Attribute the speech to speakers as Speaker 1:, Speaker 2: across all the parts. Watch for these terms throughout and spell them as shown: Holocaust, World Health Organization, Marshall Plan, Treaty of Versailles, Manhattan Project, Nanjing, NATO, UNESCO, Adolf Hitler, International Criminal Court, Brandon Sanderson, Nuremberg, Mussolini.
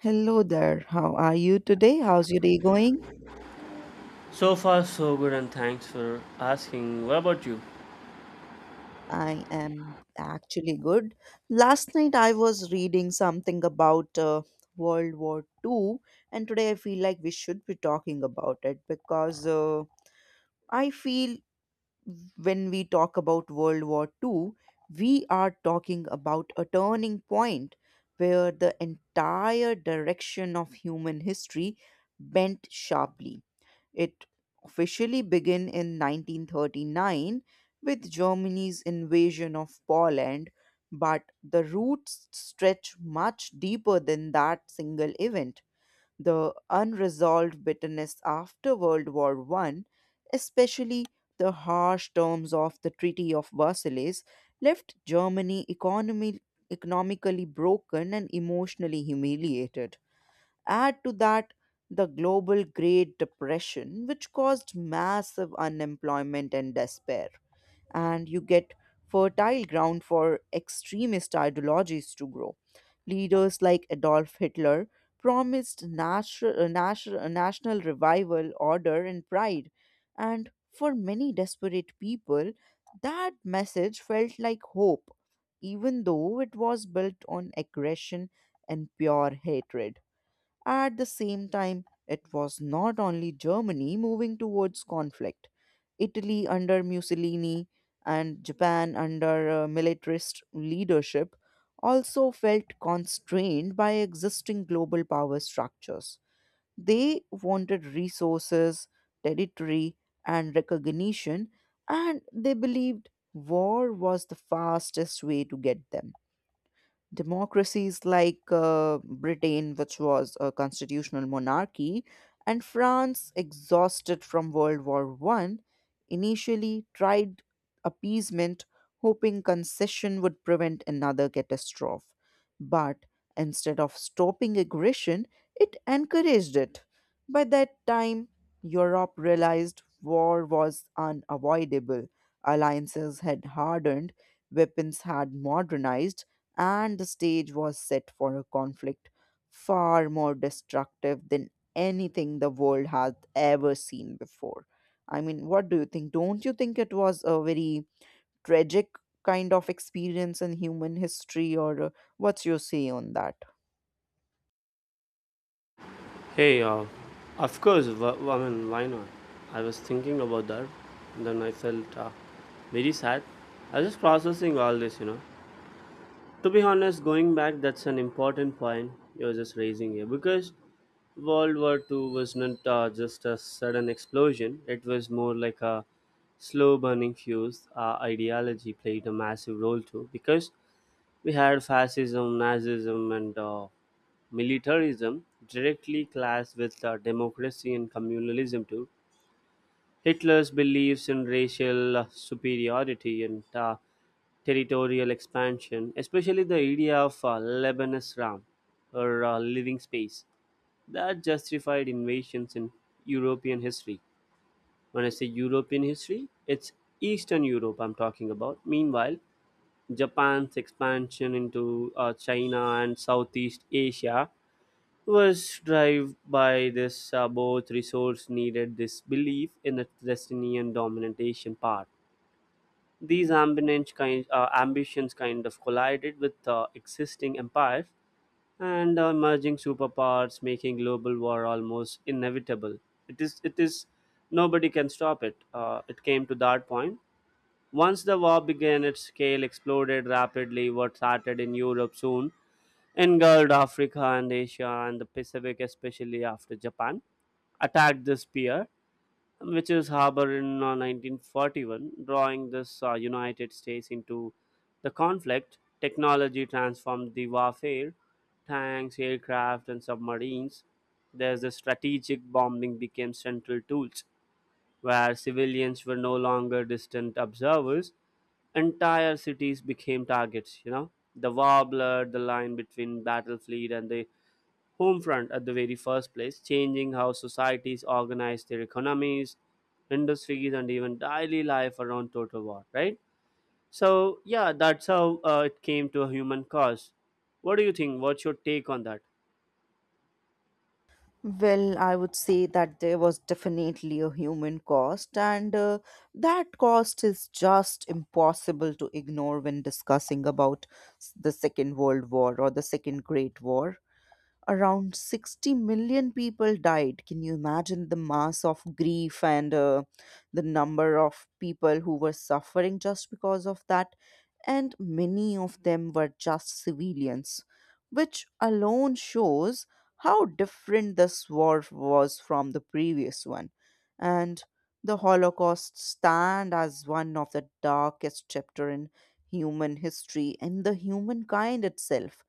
Speaker 1: Hello there. How are you today? How's your day going?
Speaker 2: So far, so good, and thanks for asking. What about you?
Speaker 1: I am actually good. Last night I was reading something about World War Two, and today I feel like we should be talking about it because I feel when we talk about World War Two, we are talking about a turning point where the entire direction of human history bent sharply. It officially began in 1939 with Germany's invasion of Poland, but the roots stretch much deeper than that single event. The unresolved bitterness after World War One, especially the harsh terms of the Treaty of Versailles, left Germany economically broken and emotionally humiliated. Add to that the global Great Depression, which caused massive unemployment and despair, and you get fertile ground for extremist ideologies to grow. Leaders like Adolf Hitler promised national revival, order, and pride, and for many desperate people, that message felt like hope, even though it was built on aggression and pure hatred. At the same time, it was not only Germany moving towards conflict. Italy under Mussolini and Japan under militarist leadership also felt constrained by existing global power structures. They wanted resources, territory, and recognition, and they believed war was the fastest way to get them. Democracies like Britain, which was a constitutional monarchy, and France, exhausted from World War One, initially tried appeasement, hoping concession would prevent another catastrophe. But instead of stopping aggression, it encouraged it. By that time, Europe realized war was unavoidable. Alliances had hardened, weapons had modernized, and the stage was set for a conflict far more destructive than anything the world had ever seen before. I mean, what do you think? Don't you think it was a very tragic kind of experience in human history, or what's your say on that?
Speaker 2: Hey, of course, I mean, why not? I was thinking about that, and then I felt very sad. I was just processing all this. To be honest, going back, that's an important point you were just raising here because World War II was not just a sudden explosion. It was more like a slow burning fuse. Ideology played a massive role too because we had fascism, Nazism, and militarism directly clashed with democracy and communalism too. Hitler's beliefs in racial superiority and territorial expansion, especially the idea of Lebanese Ram, or living space, that justified invasions in European history. When I say European history, it's Eastern Europe I'm talking about. Meanwhile, Japan's expansion into China and Southeast Asia was driven by this both resource needed this belief in a Palestinian dominant Asian part. These ambitions kind of collided with existing empires and emerging superpowers, making global war almost inevitable. It is nobody can stop it. It came to that point. Once the war began, its scale exploded rapidly. What started in Europe soon engulfed Africa and Asia and the Pacific, especially after Japan attacked this pier, which is harbored in 1941, drawing this United States into the conflict. Technology transformed the warfare: tanks, aircraft, and submarines. There's the strategic bombing became central tools, where civilians were no longer distant observers. Entire cities became targets. The war blurred the line between battlefield and the home front at the very first place, changing how societies organize their economies, industries, and even daily life around total war, right? So yeah, that's how it came to a human cause. What do you think? What's your take on that?
Speaker 1: Well, I would say that there was definitely a human cost, and that cost is just impossible to ignore when discussing about the Second World War or the Second Great War. Around 60 million people died. Can you imagine the mass of grief and the number of people who were suffering just because of that? And many of them were just civilians, which alone shows how different this war was from the previous one. And the Holocaust stand as one of the darkest chapter in human history and the humankind itself.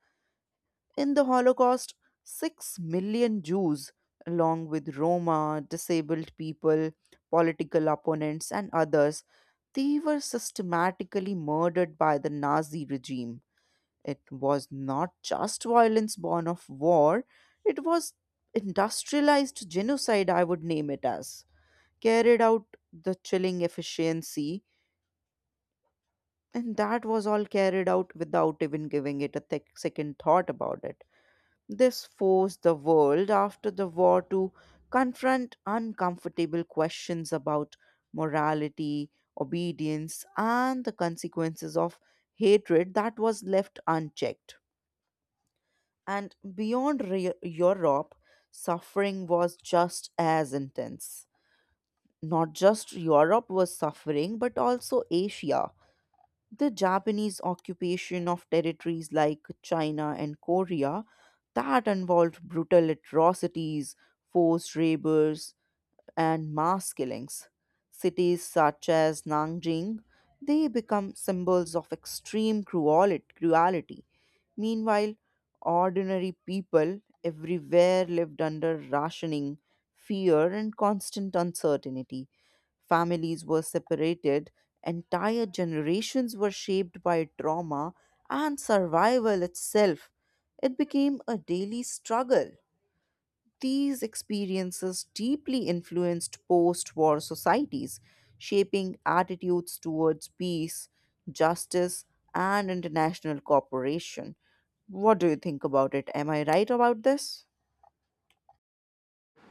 Speaker 1: In the Holocaust, 6 million Jews, along with Roma, disabled people, political opponents, and others, they were systematically murdered by the Nazi regime. It was not just violence born of war, it was industrialized genocide, I would name it as. Carried out the chilling efficiency, and that was all carried out without even giving it a thick second thought about it. This forced the world after the war to confront uncomfortable questions about morality, obedience, and the consequences of hatred that was left unchecked. And beyond Europe, suffering was just as intense. Not just Europe was suffering, but also Asia. The Japanese occupation of territories like China and Korea that involved brutal atrocities, forced labors, and mass killings. Cities such as Nanjing, they become symbols of extreme cruelty. Meanwhile, ordinary people everywhere lived under rationing, fear, and constant uncertainty. Families were separated, entire generations were shaped by trauma, and survival itself. It became a daily struggle. These experiences deeply influenced post war societies, shaping attitudes towards peace, justice, and international cooperation. What do you think about it? Am I right about this?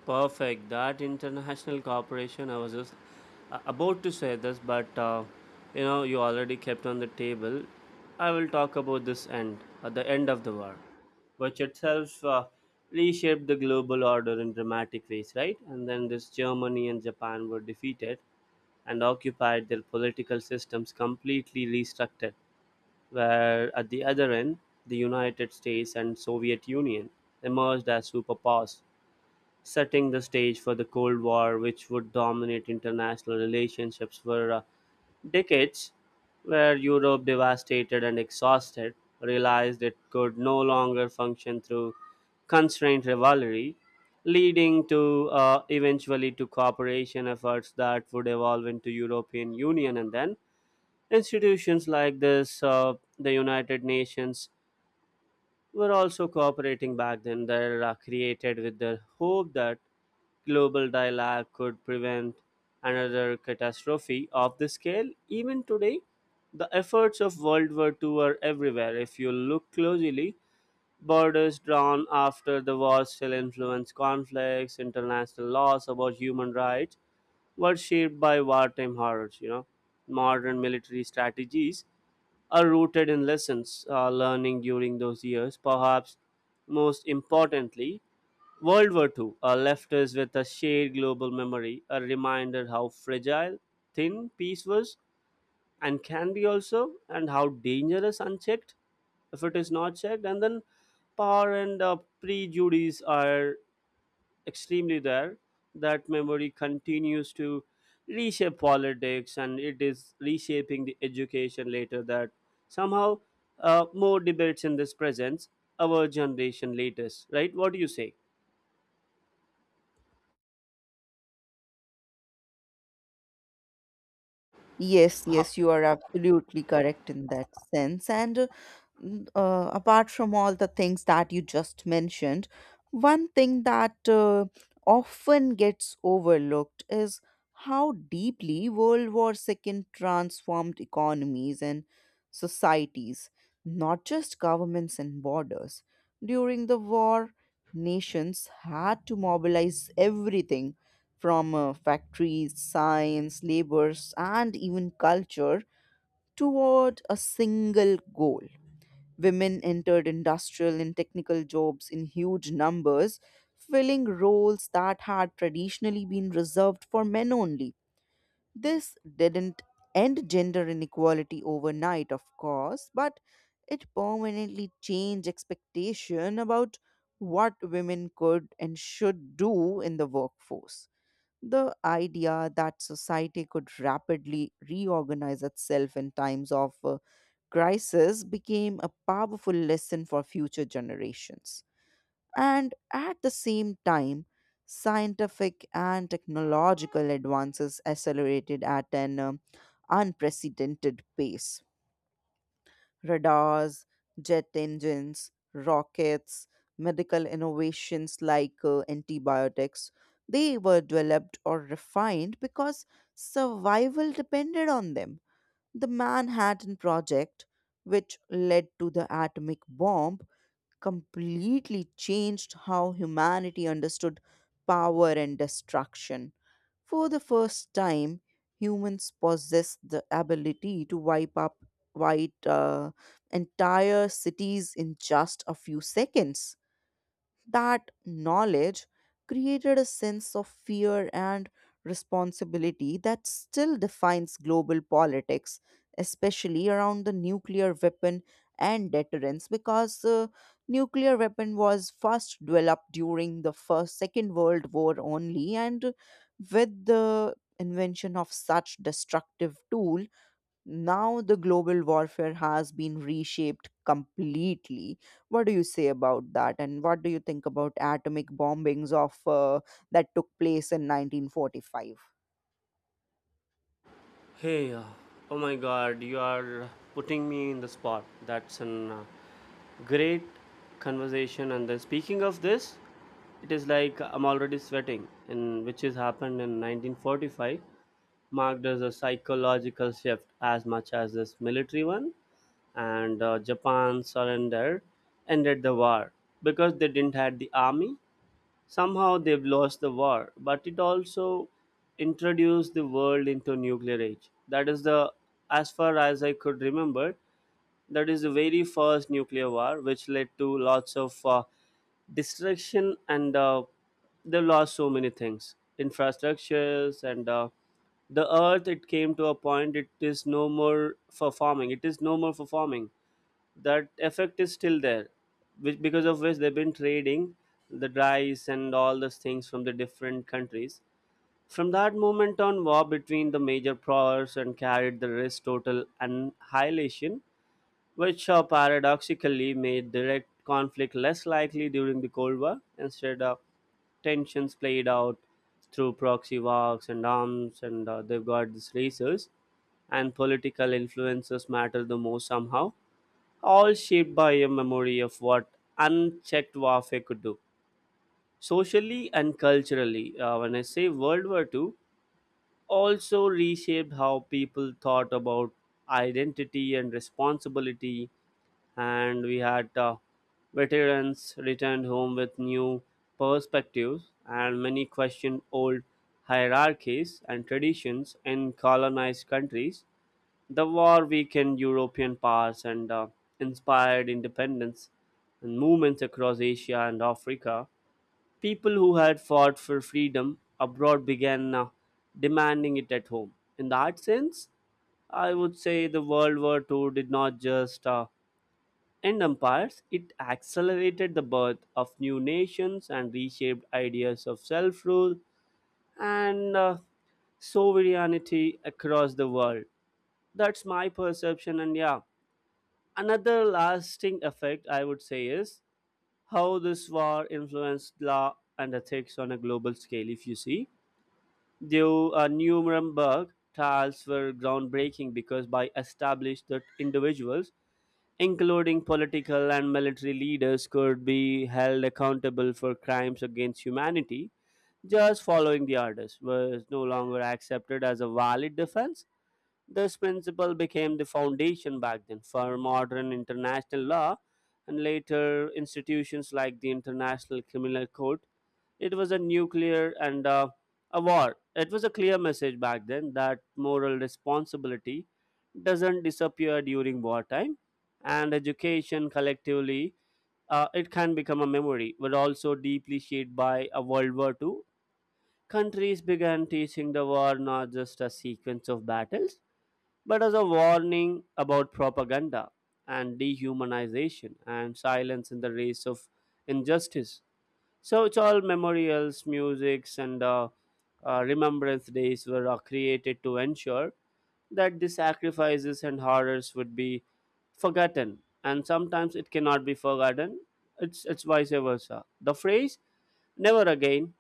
Speaker 2: Perfect. That international cooperation, I was just about to say this, but you already kept on the table. I will talk about this end, at the end of the war, which itself reshaped the global order in dramatic ways, right? And then this Germany and Japan were defeated and occupied, their political systems completely restructured, where at the other end, the United States and Soviet Union emerged as superpowers, setting the stage for the Cold War, which would dominate international relationships for decades, where Europe, devastated and exhausted, realized it could no longer function through constrained rivalry, leading to eventually to cooperation efforts that would evolve into European Union, and then institutions like this, the United Nations, were also cooperating back then, that are created with the hope that global dialogue could prevent another catastrophe of the scale. Even today, the efforts of World War II are everywhere. If you look closely, borders drawn after the war still influence conflicts, international laws about human rights were shaped by wartime horrors. Modern military strategies are rooted in lessons learning during those years. Perhaps most importantly, World War II left us with a shared global memory, a reminder how fragile, thin peace was and can be also, and how dangerous unchecked if it is not checked. And then power and prejudice are extremely rare, that memory continues to reshape politics, and it is reshaping the education later, that somehow more debates in this presence, our generation latest, right? What do you say?
Speaker 1: Yes,
Speaker 2: Ha-
Speaker 1: yes, you are absolutely correct in that sense. And apart from all the things that you just mentioned, one thing that often gets overlooked is how deeply World War II transformed economies and societies, not just governments and borders. During the war, nations had to mobilize everything from factories, science, labors, and even culture toward a single goal. Women entered industrial and technical jobs in huge numbers, filling roles that had traditionally been reserved for men only. This didn't end gender inequality overnight, of course, but it permanently changed expectation about what women could and should do in the workforce. The idea that society could rapidly reorganize itself in times of crisis became a powerful lesson for future generations. And at the same time, scientific and technological advances accelerated at an unprecedented pace. Radars, jet engines, rockets, medical innovations like antibiotics, they were developed or refined because survival depended on them. The Manhattan Project, which led to the atomic bomb, completely changed how humanity understood power and destruction. For the first time, humans possessed the ability to wipe up white entire cities in just a few seconds. That knowledge created a sense of fear and responsibility that still defines global politics, especially around the nuclear weapon and deterrence, because the nuclear weapon was first developed during the first Second World War only, and with the invention of such destructive tool now the global warfare has been reshaped completely. What do you say about that? And what do you think about atomic bombings of that took place in 1945?
Speaker 2: hey, oh my god, you are putting me in the spot. That's an great conversation. And then speaking of this, it is like I'm already sweating, and which has happened in 1945 marked as a psychological shift as much as this military one. And Japan surrendered, ended the war because they didn't had the army. Somehow they've lost the war, but it also introduced the world into nuclear age. That is the As far as I could remember, that is the very first nuclear war which led to lots of destruction, and they lost so many things, infrastructures, and the earth, it came to a point, it is no more for farming, it is no more for farming. That effect is still there, which because of which they've been trading the rice and all those things from the different countries. From that moment on, war between the major powers and carried the risk total annihilation, which paradoxically made direct conflict less likely during the Cold War. Instead, tensions played out through proxy wars and arms, and they've got these races, and political influences matter the most somehow, all shaped by a memory of what unchecked warfare could do. Socially and culturally, when I say World War II, also reshaped how people thought about identity and responsibility, and we had veterans returned home with new perspectives, and many questioned old hierarchies and traditions in colonized countries. The war weakened European powers, and inspired independence and movements across Asia and Africa. People who had fought for freedom abroad began demanding it at home. In that sense, I would say the World War II did not just and empires, it accelerated the birth of new nations and reshaped ideas of self rule and sovereignty across the world. That's my perception. And yeah, another lasting effect I would say is how this war influenced law and ethics on a global scale. If you see, the Nuremberg trials were groundbreaking because by established that individuals, including political and military leaders, could be held accountable for crimes against humanity. Just following the orders was no longer accepted as a valid defense. This principle became the foundation back then for modern international law and later institutions like the International Criminal Court. It was a nuclear and a war. It was a clear message back then that moral responsibility doesn't disappear during wartime. And education collectively, it can become a memory, but also deeply shaped by a World War II. Countries began teaching the war not just a sequence of battles, but as a warning about propaganda and dehumanization and silence in the race of injustice. So it's all memorials, musics, and remembrance days were created to ensure that the sacrifices and horrors would be forgotten. And sometimes it cannot be forgotten. It's vice versa. The phrase "never again"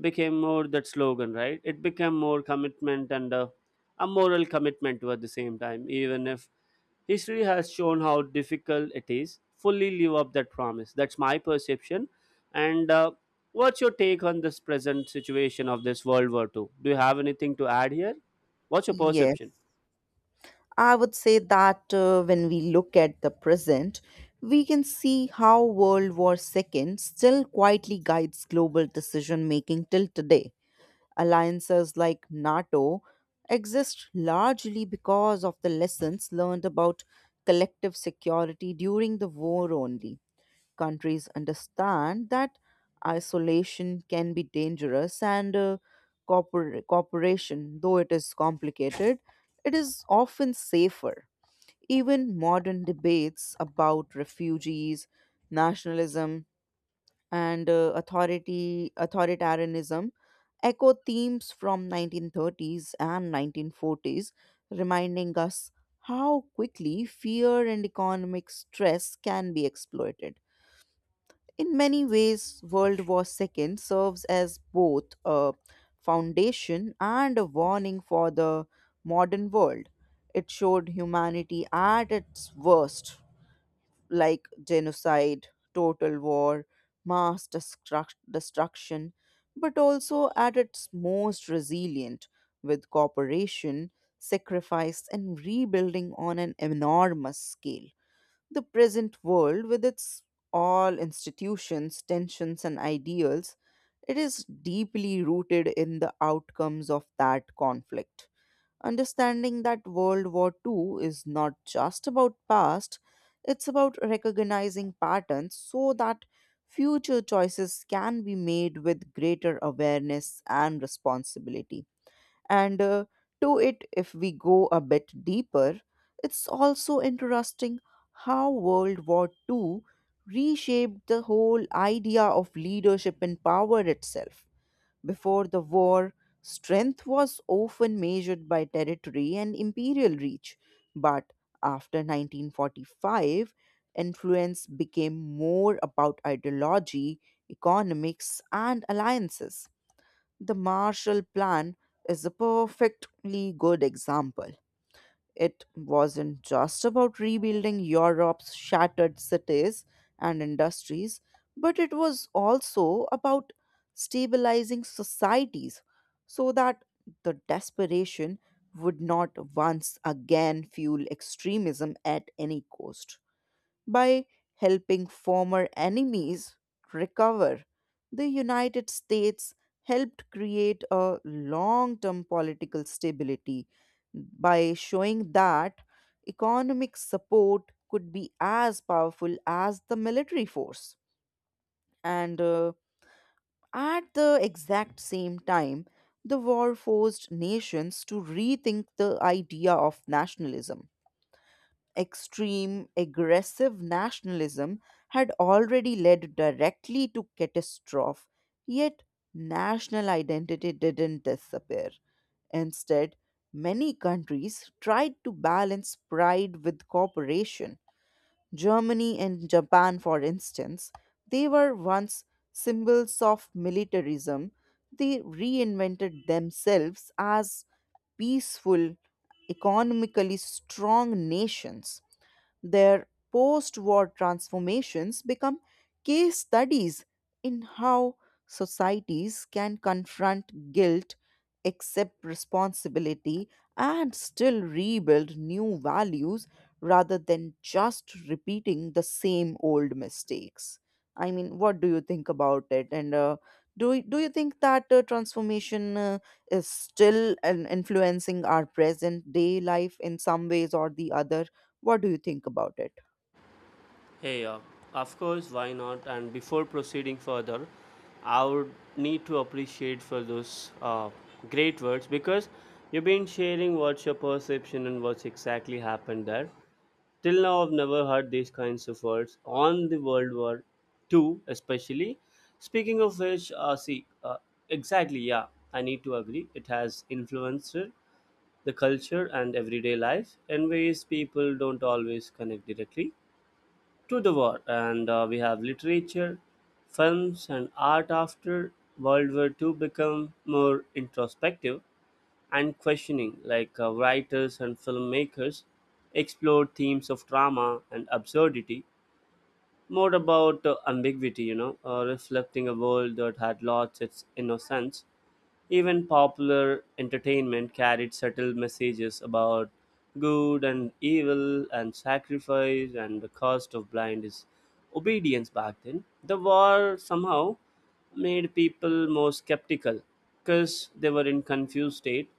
Speaker 2: became more that slogan, right? It became more commitment, and a moral commitment too at the same time, even if history has shown how difficult it is fully live up that promise. That's my perception. And what's your take on this present situation of this World War II? Do you have anything to add here? What's your perception?
Speaker 1: Yes, I would say that when we look at the present, we can see how World War II still quietly guides global decision making till today. Alliances like NATO exist largely because of the lessons learned about collective security during the war only. Countries understand that isolation can be dangerous and cooperation, though it is complicated, it is often safer. Even modern debates about refugees, nationalism, and authority authoritarianism echo themes from 1930s and 1940s, reminding us how quickly fear and economic stress can be exploited. In many ways, World War II serves as both a foundation and a warning for the modern world. It showed humanity at its worst, like genocide, total war, mass destruction, but also at its most resilient, with cooperation, sacrifice, and rebuilding on an enormous scale. The present world, with its all institutions, tensions, and ideals, it is deeply rooted in the outcomes of that conflict. Understanding that World War II is not just about past, it's about recognizing patterns so that future choices can be made with greater awareness and responsibility. And to it, if we go a bit deeper, it's also interesting how World War II reshaped the whole idea of leadership and power itself. Before the war, strength was often measured by territory and imperial reach, but after 1945, influence became more about ideology, economics, and alliances. The Marshall Plan is a perfectly good example. It wasn't just about rebuilding Europe's shattered cities and industries, but it was also about stabilizing societies so that the desperation would not once again fuel extremism at any cost. By helping former enemies recover, the United States helped create a long term political stability by showing that economic support could be as powerful as the military force. And at the exact same time, the war forced nations to rethink the idea of nationalism. Extreme, aggressive nationalism had already led directly to catastrophe, yet national identity didn't disappear. Instead, many countries tried to balance pride with cooperation. Germany and Japan, for instance, they were once symbols of militarism. They reinvented themselves as peaceful, economically strong nations. Their post war transformations become case studies in how societies can confront guilt, accept responsibility, and still rebuild new values rather than just repeating the same old mistakes. I mean, what do you think about it? And do you think that transformation is still an influencing our present day life in some ways or the other? What do you think about it?
Speaker 2: Hey, of course, why not? And before proceeding further, I would need to appreciate for those great words because you've been sharing what's your perception and what's exactly happened there. Till now, I've never heard these kinds of words on the World War II, especially. Speaking of which, see, exactly, yeah, I need to agree. It has influenced the culture and everyday life in ways people don't always connect directly to the war. And we have literature, films, and art after World War II become more introspective and questioning, like writers and filmmakers explored themes of drama and absurdity, more about ambiguity, reflecting a world that had lost its innocence. Even popular entertainment carried subtle messages about good and evil and sacrifice and the cost of blind is obedience back then. The war somehow made people more skeptical because they were in confused state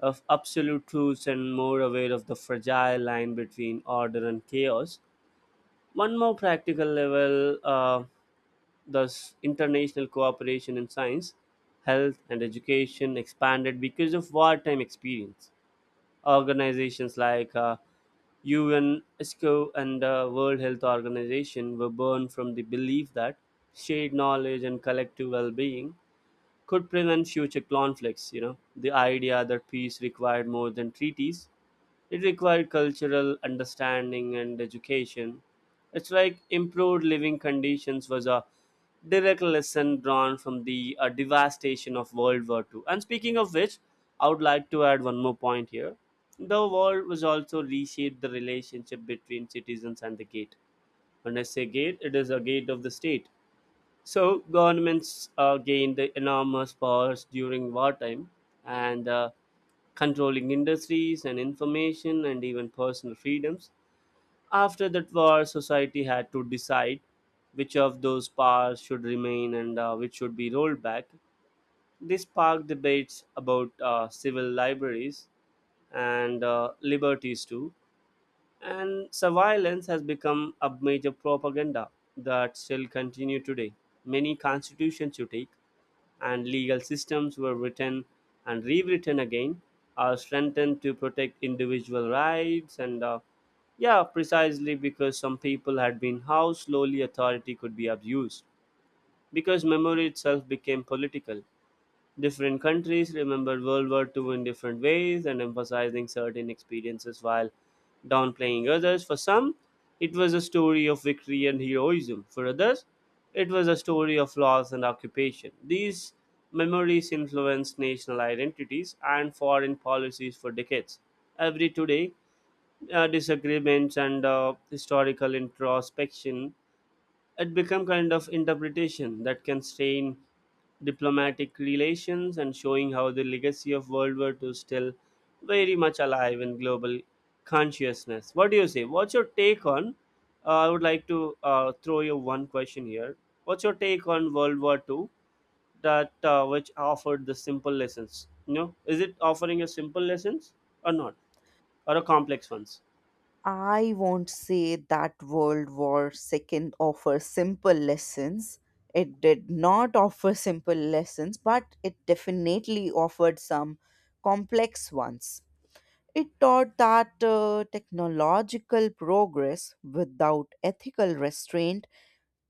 Speaker 2: of absolute truths and more aware of the fragile line between order and chaos. One more practical level, thus, international cooperation in science, health, and education expanded because of wartime experience. Organizations like UN, ESCO, and World Health Organization were born from the belief that shared knowledge and collective well being could prevent future conflicts. The idea that peace required more than treaties, it required cultural understanding and education. It's like improved living conditions was a direct lesson drawn from the devastation of World War II. And speaking of which, I would like to add one more point here. The war was also reshaped the relationship between citizens and the gate. When I say gate, it is a gate of the state. So governments gained the enormous powers during wartime, and controlling industries and information and even personal freedoms. After that war, society had to decide which of those powers should remain, and which should be rolled back. This sparked debates about civil liberties and liberties too. And surveillance has become a major propaganda that still continue today. Many constitutions you take and legal systems were written and rewritten again or strengthened to protect individual rights, and yeah, precisely because some people had been how slowly authority could be abused, because memory itself became political. Different countries remembered World War II in different ways, and emphasizing certain experiences while downplaying others. For some, it was a story of victory and heroism. For others, it was a story of loss and occupation. These memories influenced national identities and foreign policies for decades. Every today, disagreements and historical introspection, it become kind of interpretation that can strain diplomatic relations, and showing how the legacy of World War II is still very much alive in global consciousness. What do you say what's your take on I would like to throw you one question here. What's your take on World War II, that which offered the simple lessons, you know? Is it offering a simple lessons or not, or a complex ones?
Speaker 1: I won't say that World War II offers simple lessons. It did not offer simple lessons, but it definitely offered some complex ones. It taught that technological progress without ethical restraint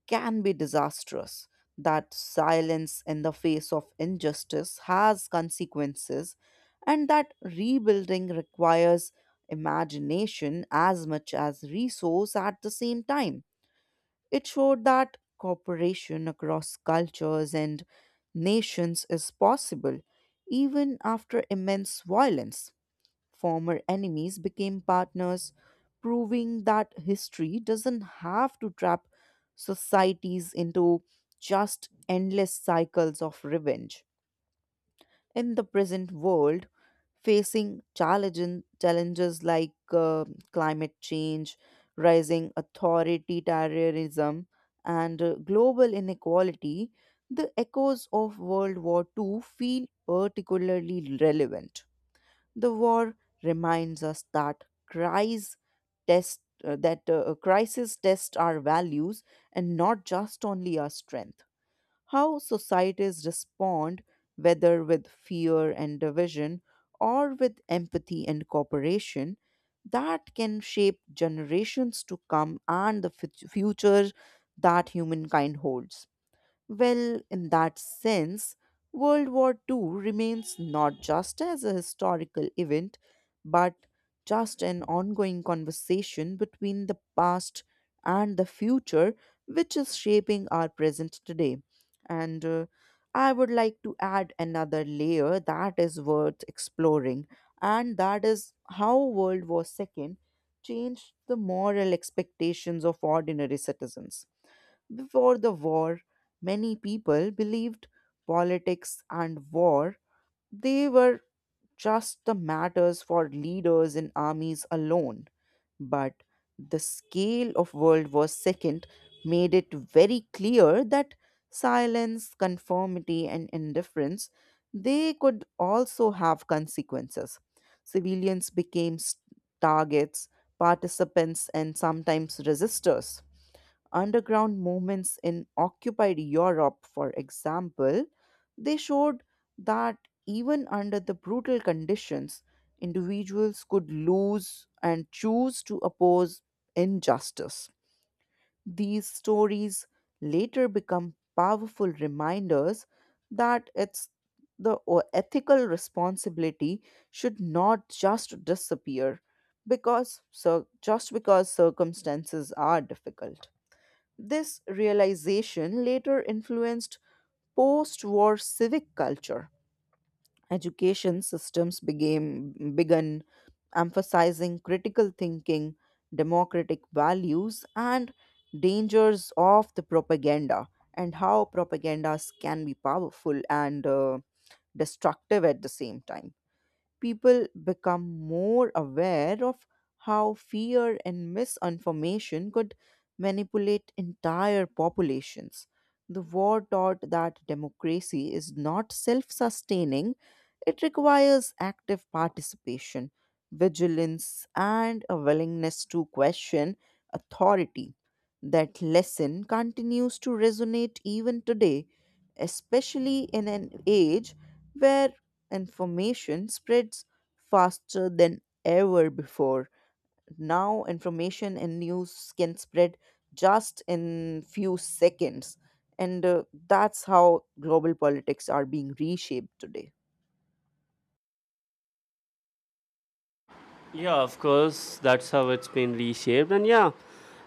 Speaker 1: can be disastrous, that silence in the face of injustice has consequences, and that rebuilding requires imagination as much as resource at the same time. It showed that cooperation across cultures and nations is possible even after immense violence. Former enemies became partners, proving that history doesn't have to trap societies into just endless cycles of revenge. In the present world, facing challenges like climate change, rising authoritarianism, and global inequality, the echoes of World War Two feel particularly relevant. The war reminds us that cries test that crises test our values and not just only our strength. How societies respond, whether with fear and division or with empathy and cooperation, that can shape generations to come and the future that humankind holds. Well, in that sense, World War II remains not just as a historical event, but just an ongoing conversation between the past and the future, which is shaping our present today. And I would like to add another layer that is worth exploring, and that is how World War II changed the moral expectations of ordinary citizens. Before the war, many people believed politics and war they were just the matters for leaders in armies alone. But the scale of World War Second made it very clear that silence, conformity, and indifference they could also have consequences. Civilians became targets, participants, and sometimes resistors. Underground movements in occupied Europe, for example, they showed that even under the brutal conditions, individuals could lose and choose to oppose injustice. These stories later become powerful reminders that it's the ethical responsibility should not just disappear because so just because circumstances are difficult. This realization later influenced post war civic culture. Education systems became, began emphasizing critical thinking, democratic values, and dangers of the propaganda, and how propagandas can be powerful and destructive at the same time. People become more aware of how fear and misinformation could manipulate entire populations. The war taught that democracy is not self sustaining, it requires active participation, vigilance, and a willingness to question authority. That lesson continues to resonate even today, especially in an age where information spreads faster than ever before. Now information and news can spread just in few seconds and that's how global politics are being reshaped today.
Speaker 2: Yeah, of course, that's how it's been reshaped. And yeah,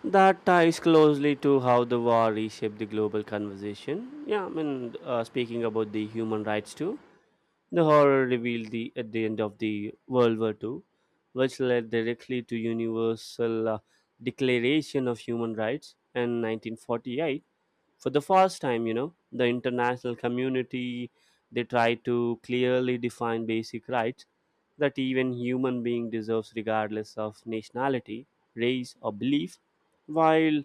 Speaker 2: that ties closely to how the war reshaped the global conversation. Yeah, I mean, speaking about the human rights too, the horror revealed the, at the end of the World War II, which led directly to universal declaration of human rights in 1948 for the first time. The international community, they try to clearly define basic rights that even human being deserves regardless of nationality, race, or belief. While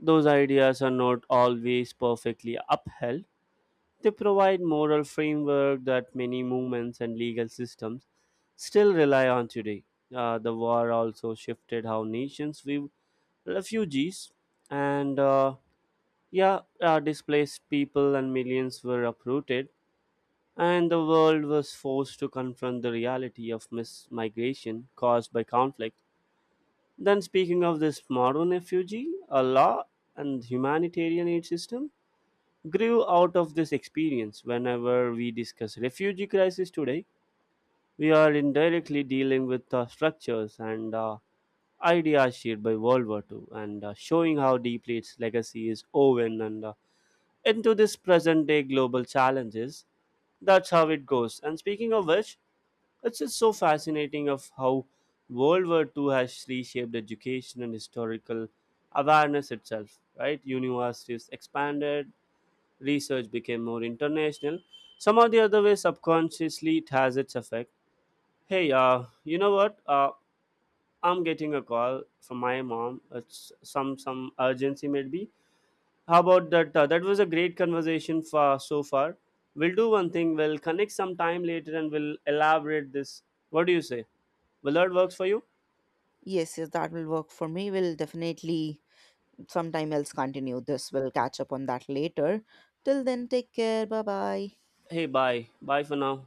Speaker 2: those ideas are not always perfectly upheld, they provide moral framework that many movements and legal systems still rely on today. The war also shifted how nations view refugees, and yeah, displaced people, and millions were uprooted, and the world was forced to confront the reality of migration caused by conflict. Then, speaking of this modern refugee, a law and humanitarian aid system grew out of this experience. Whenever we discuss refugee crisis today, we are indirectly dealing with the structures and ideas shared by World War II, and showing how deeply its legacy is woven and into this present day global challenges. That's how it goes. And speaking of which, it's just so fascinating of how World War II has reshaped education and historical awareness itself, right? Universities expanded, research became more international. Some of the other way subconsciously it has its effect. Hey, you know what? I'm getting a call from my mom. It's some urgency maybe. How about that? That was a great conversation for, so far. We'll do one thing. We'll connect some time later and we'll elaborate this. What do you say? Will that works for you?
Speaker 1: Yes, yes, that will work for me. We'll definitely sometime else continue. This will catch up on that later. Till then, take care. Bye bye.
Speaker 2: Hey, bye. Bye for now.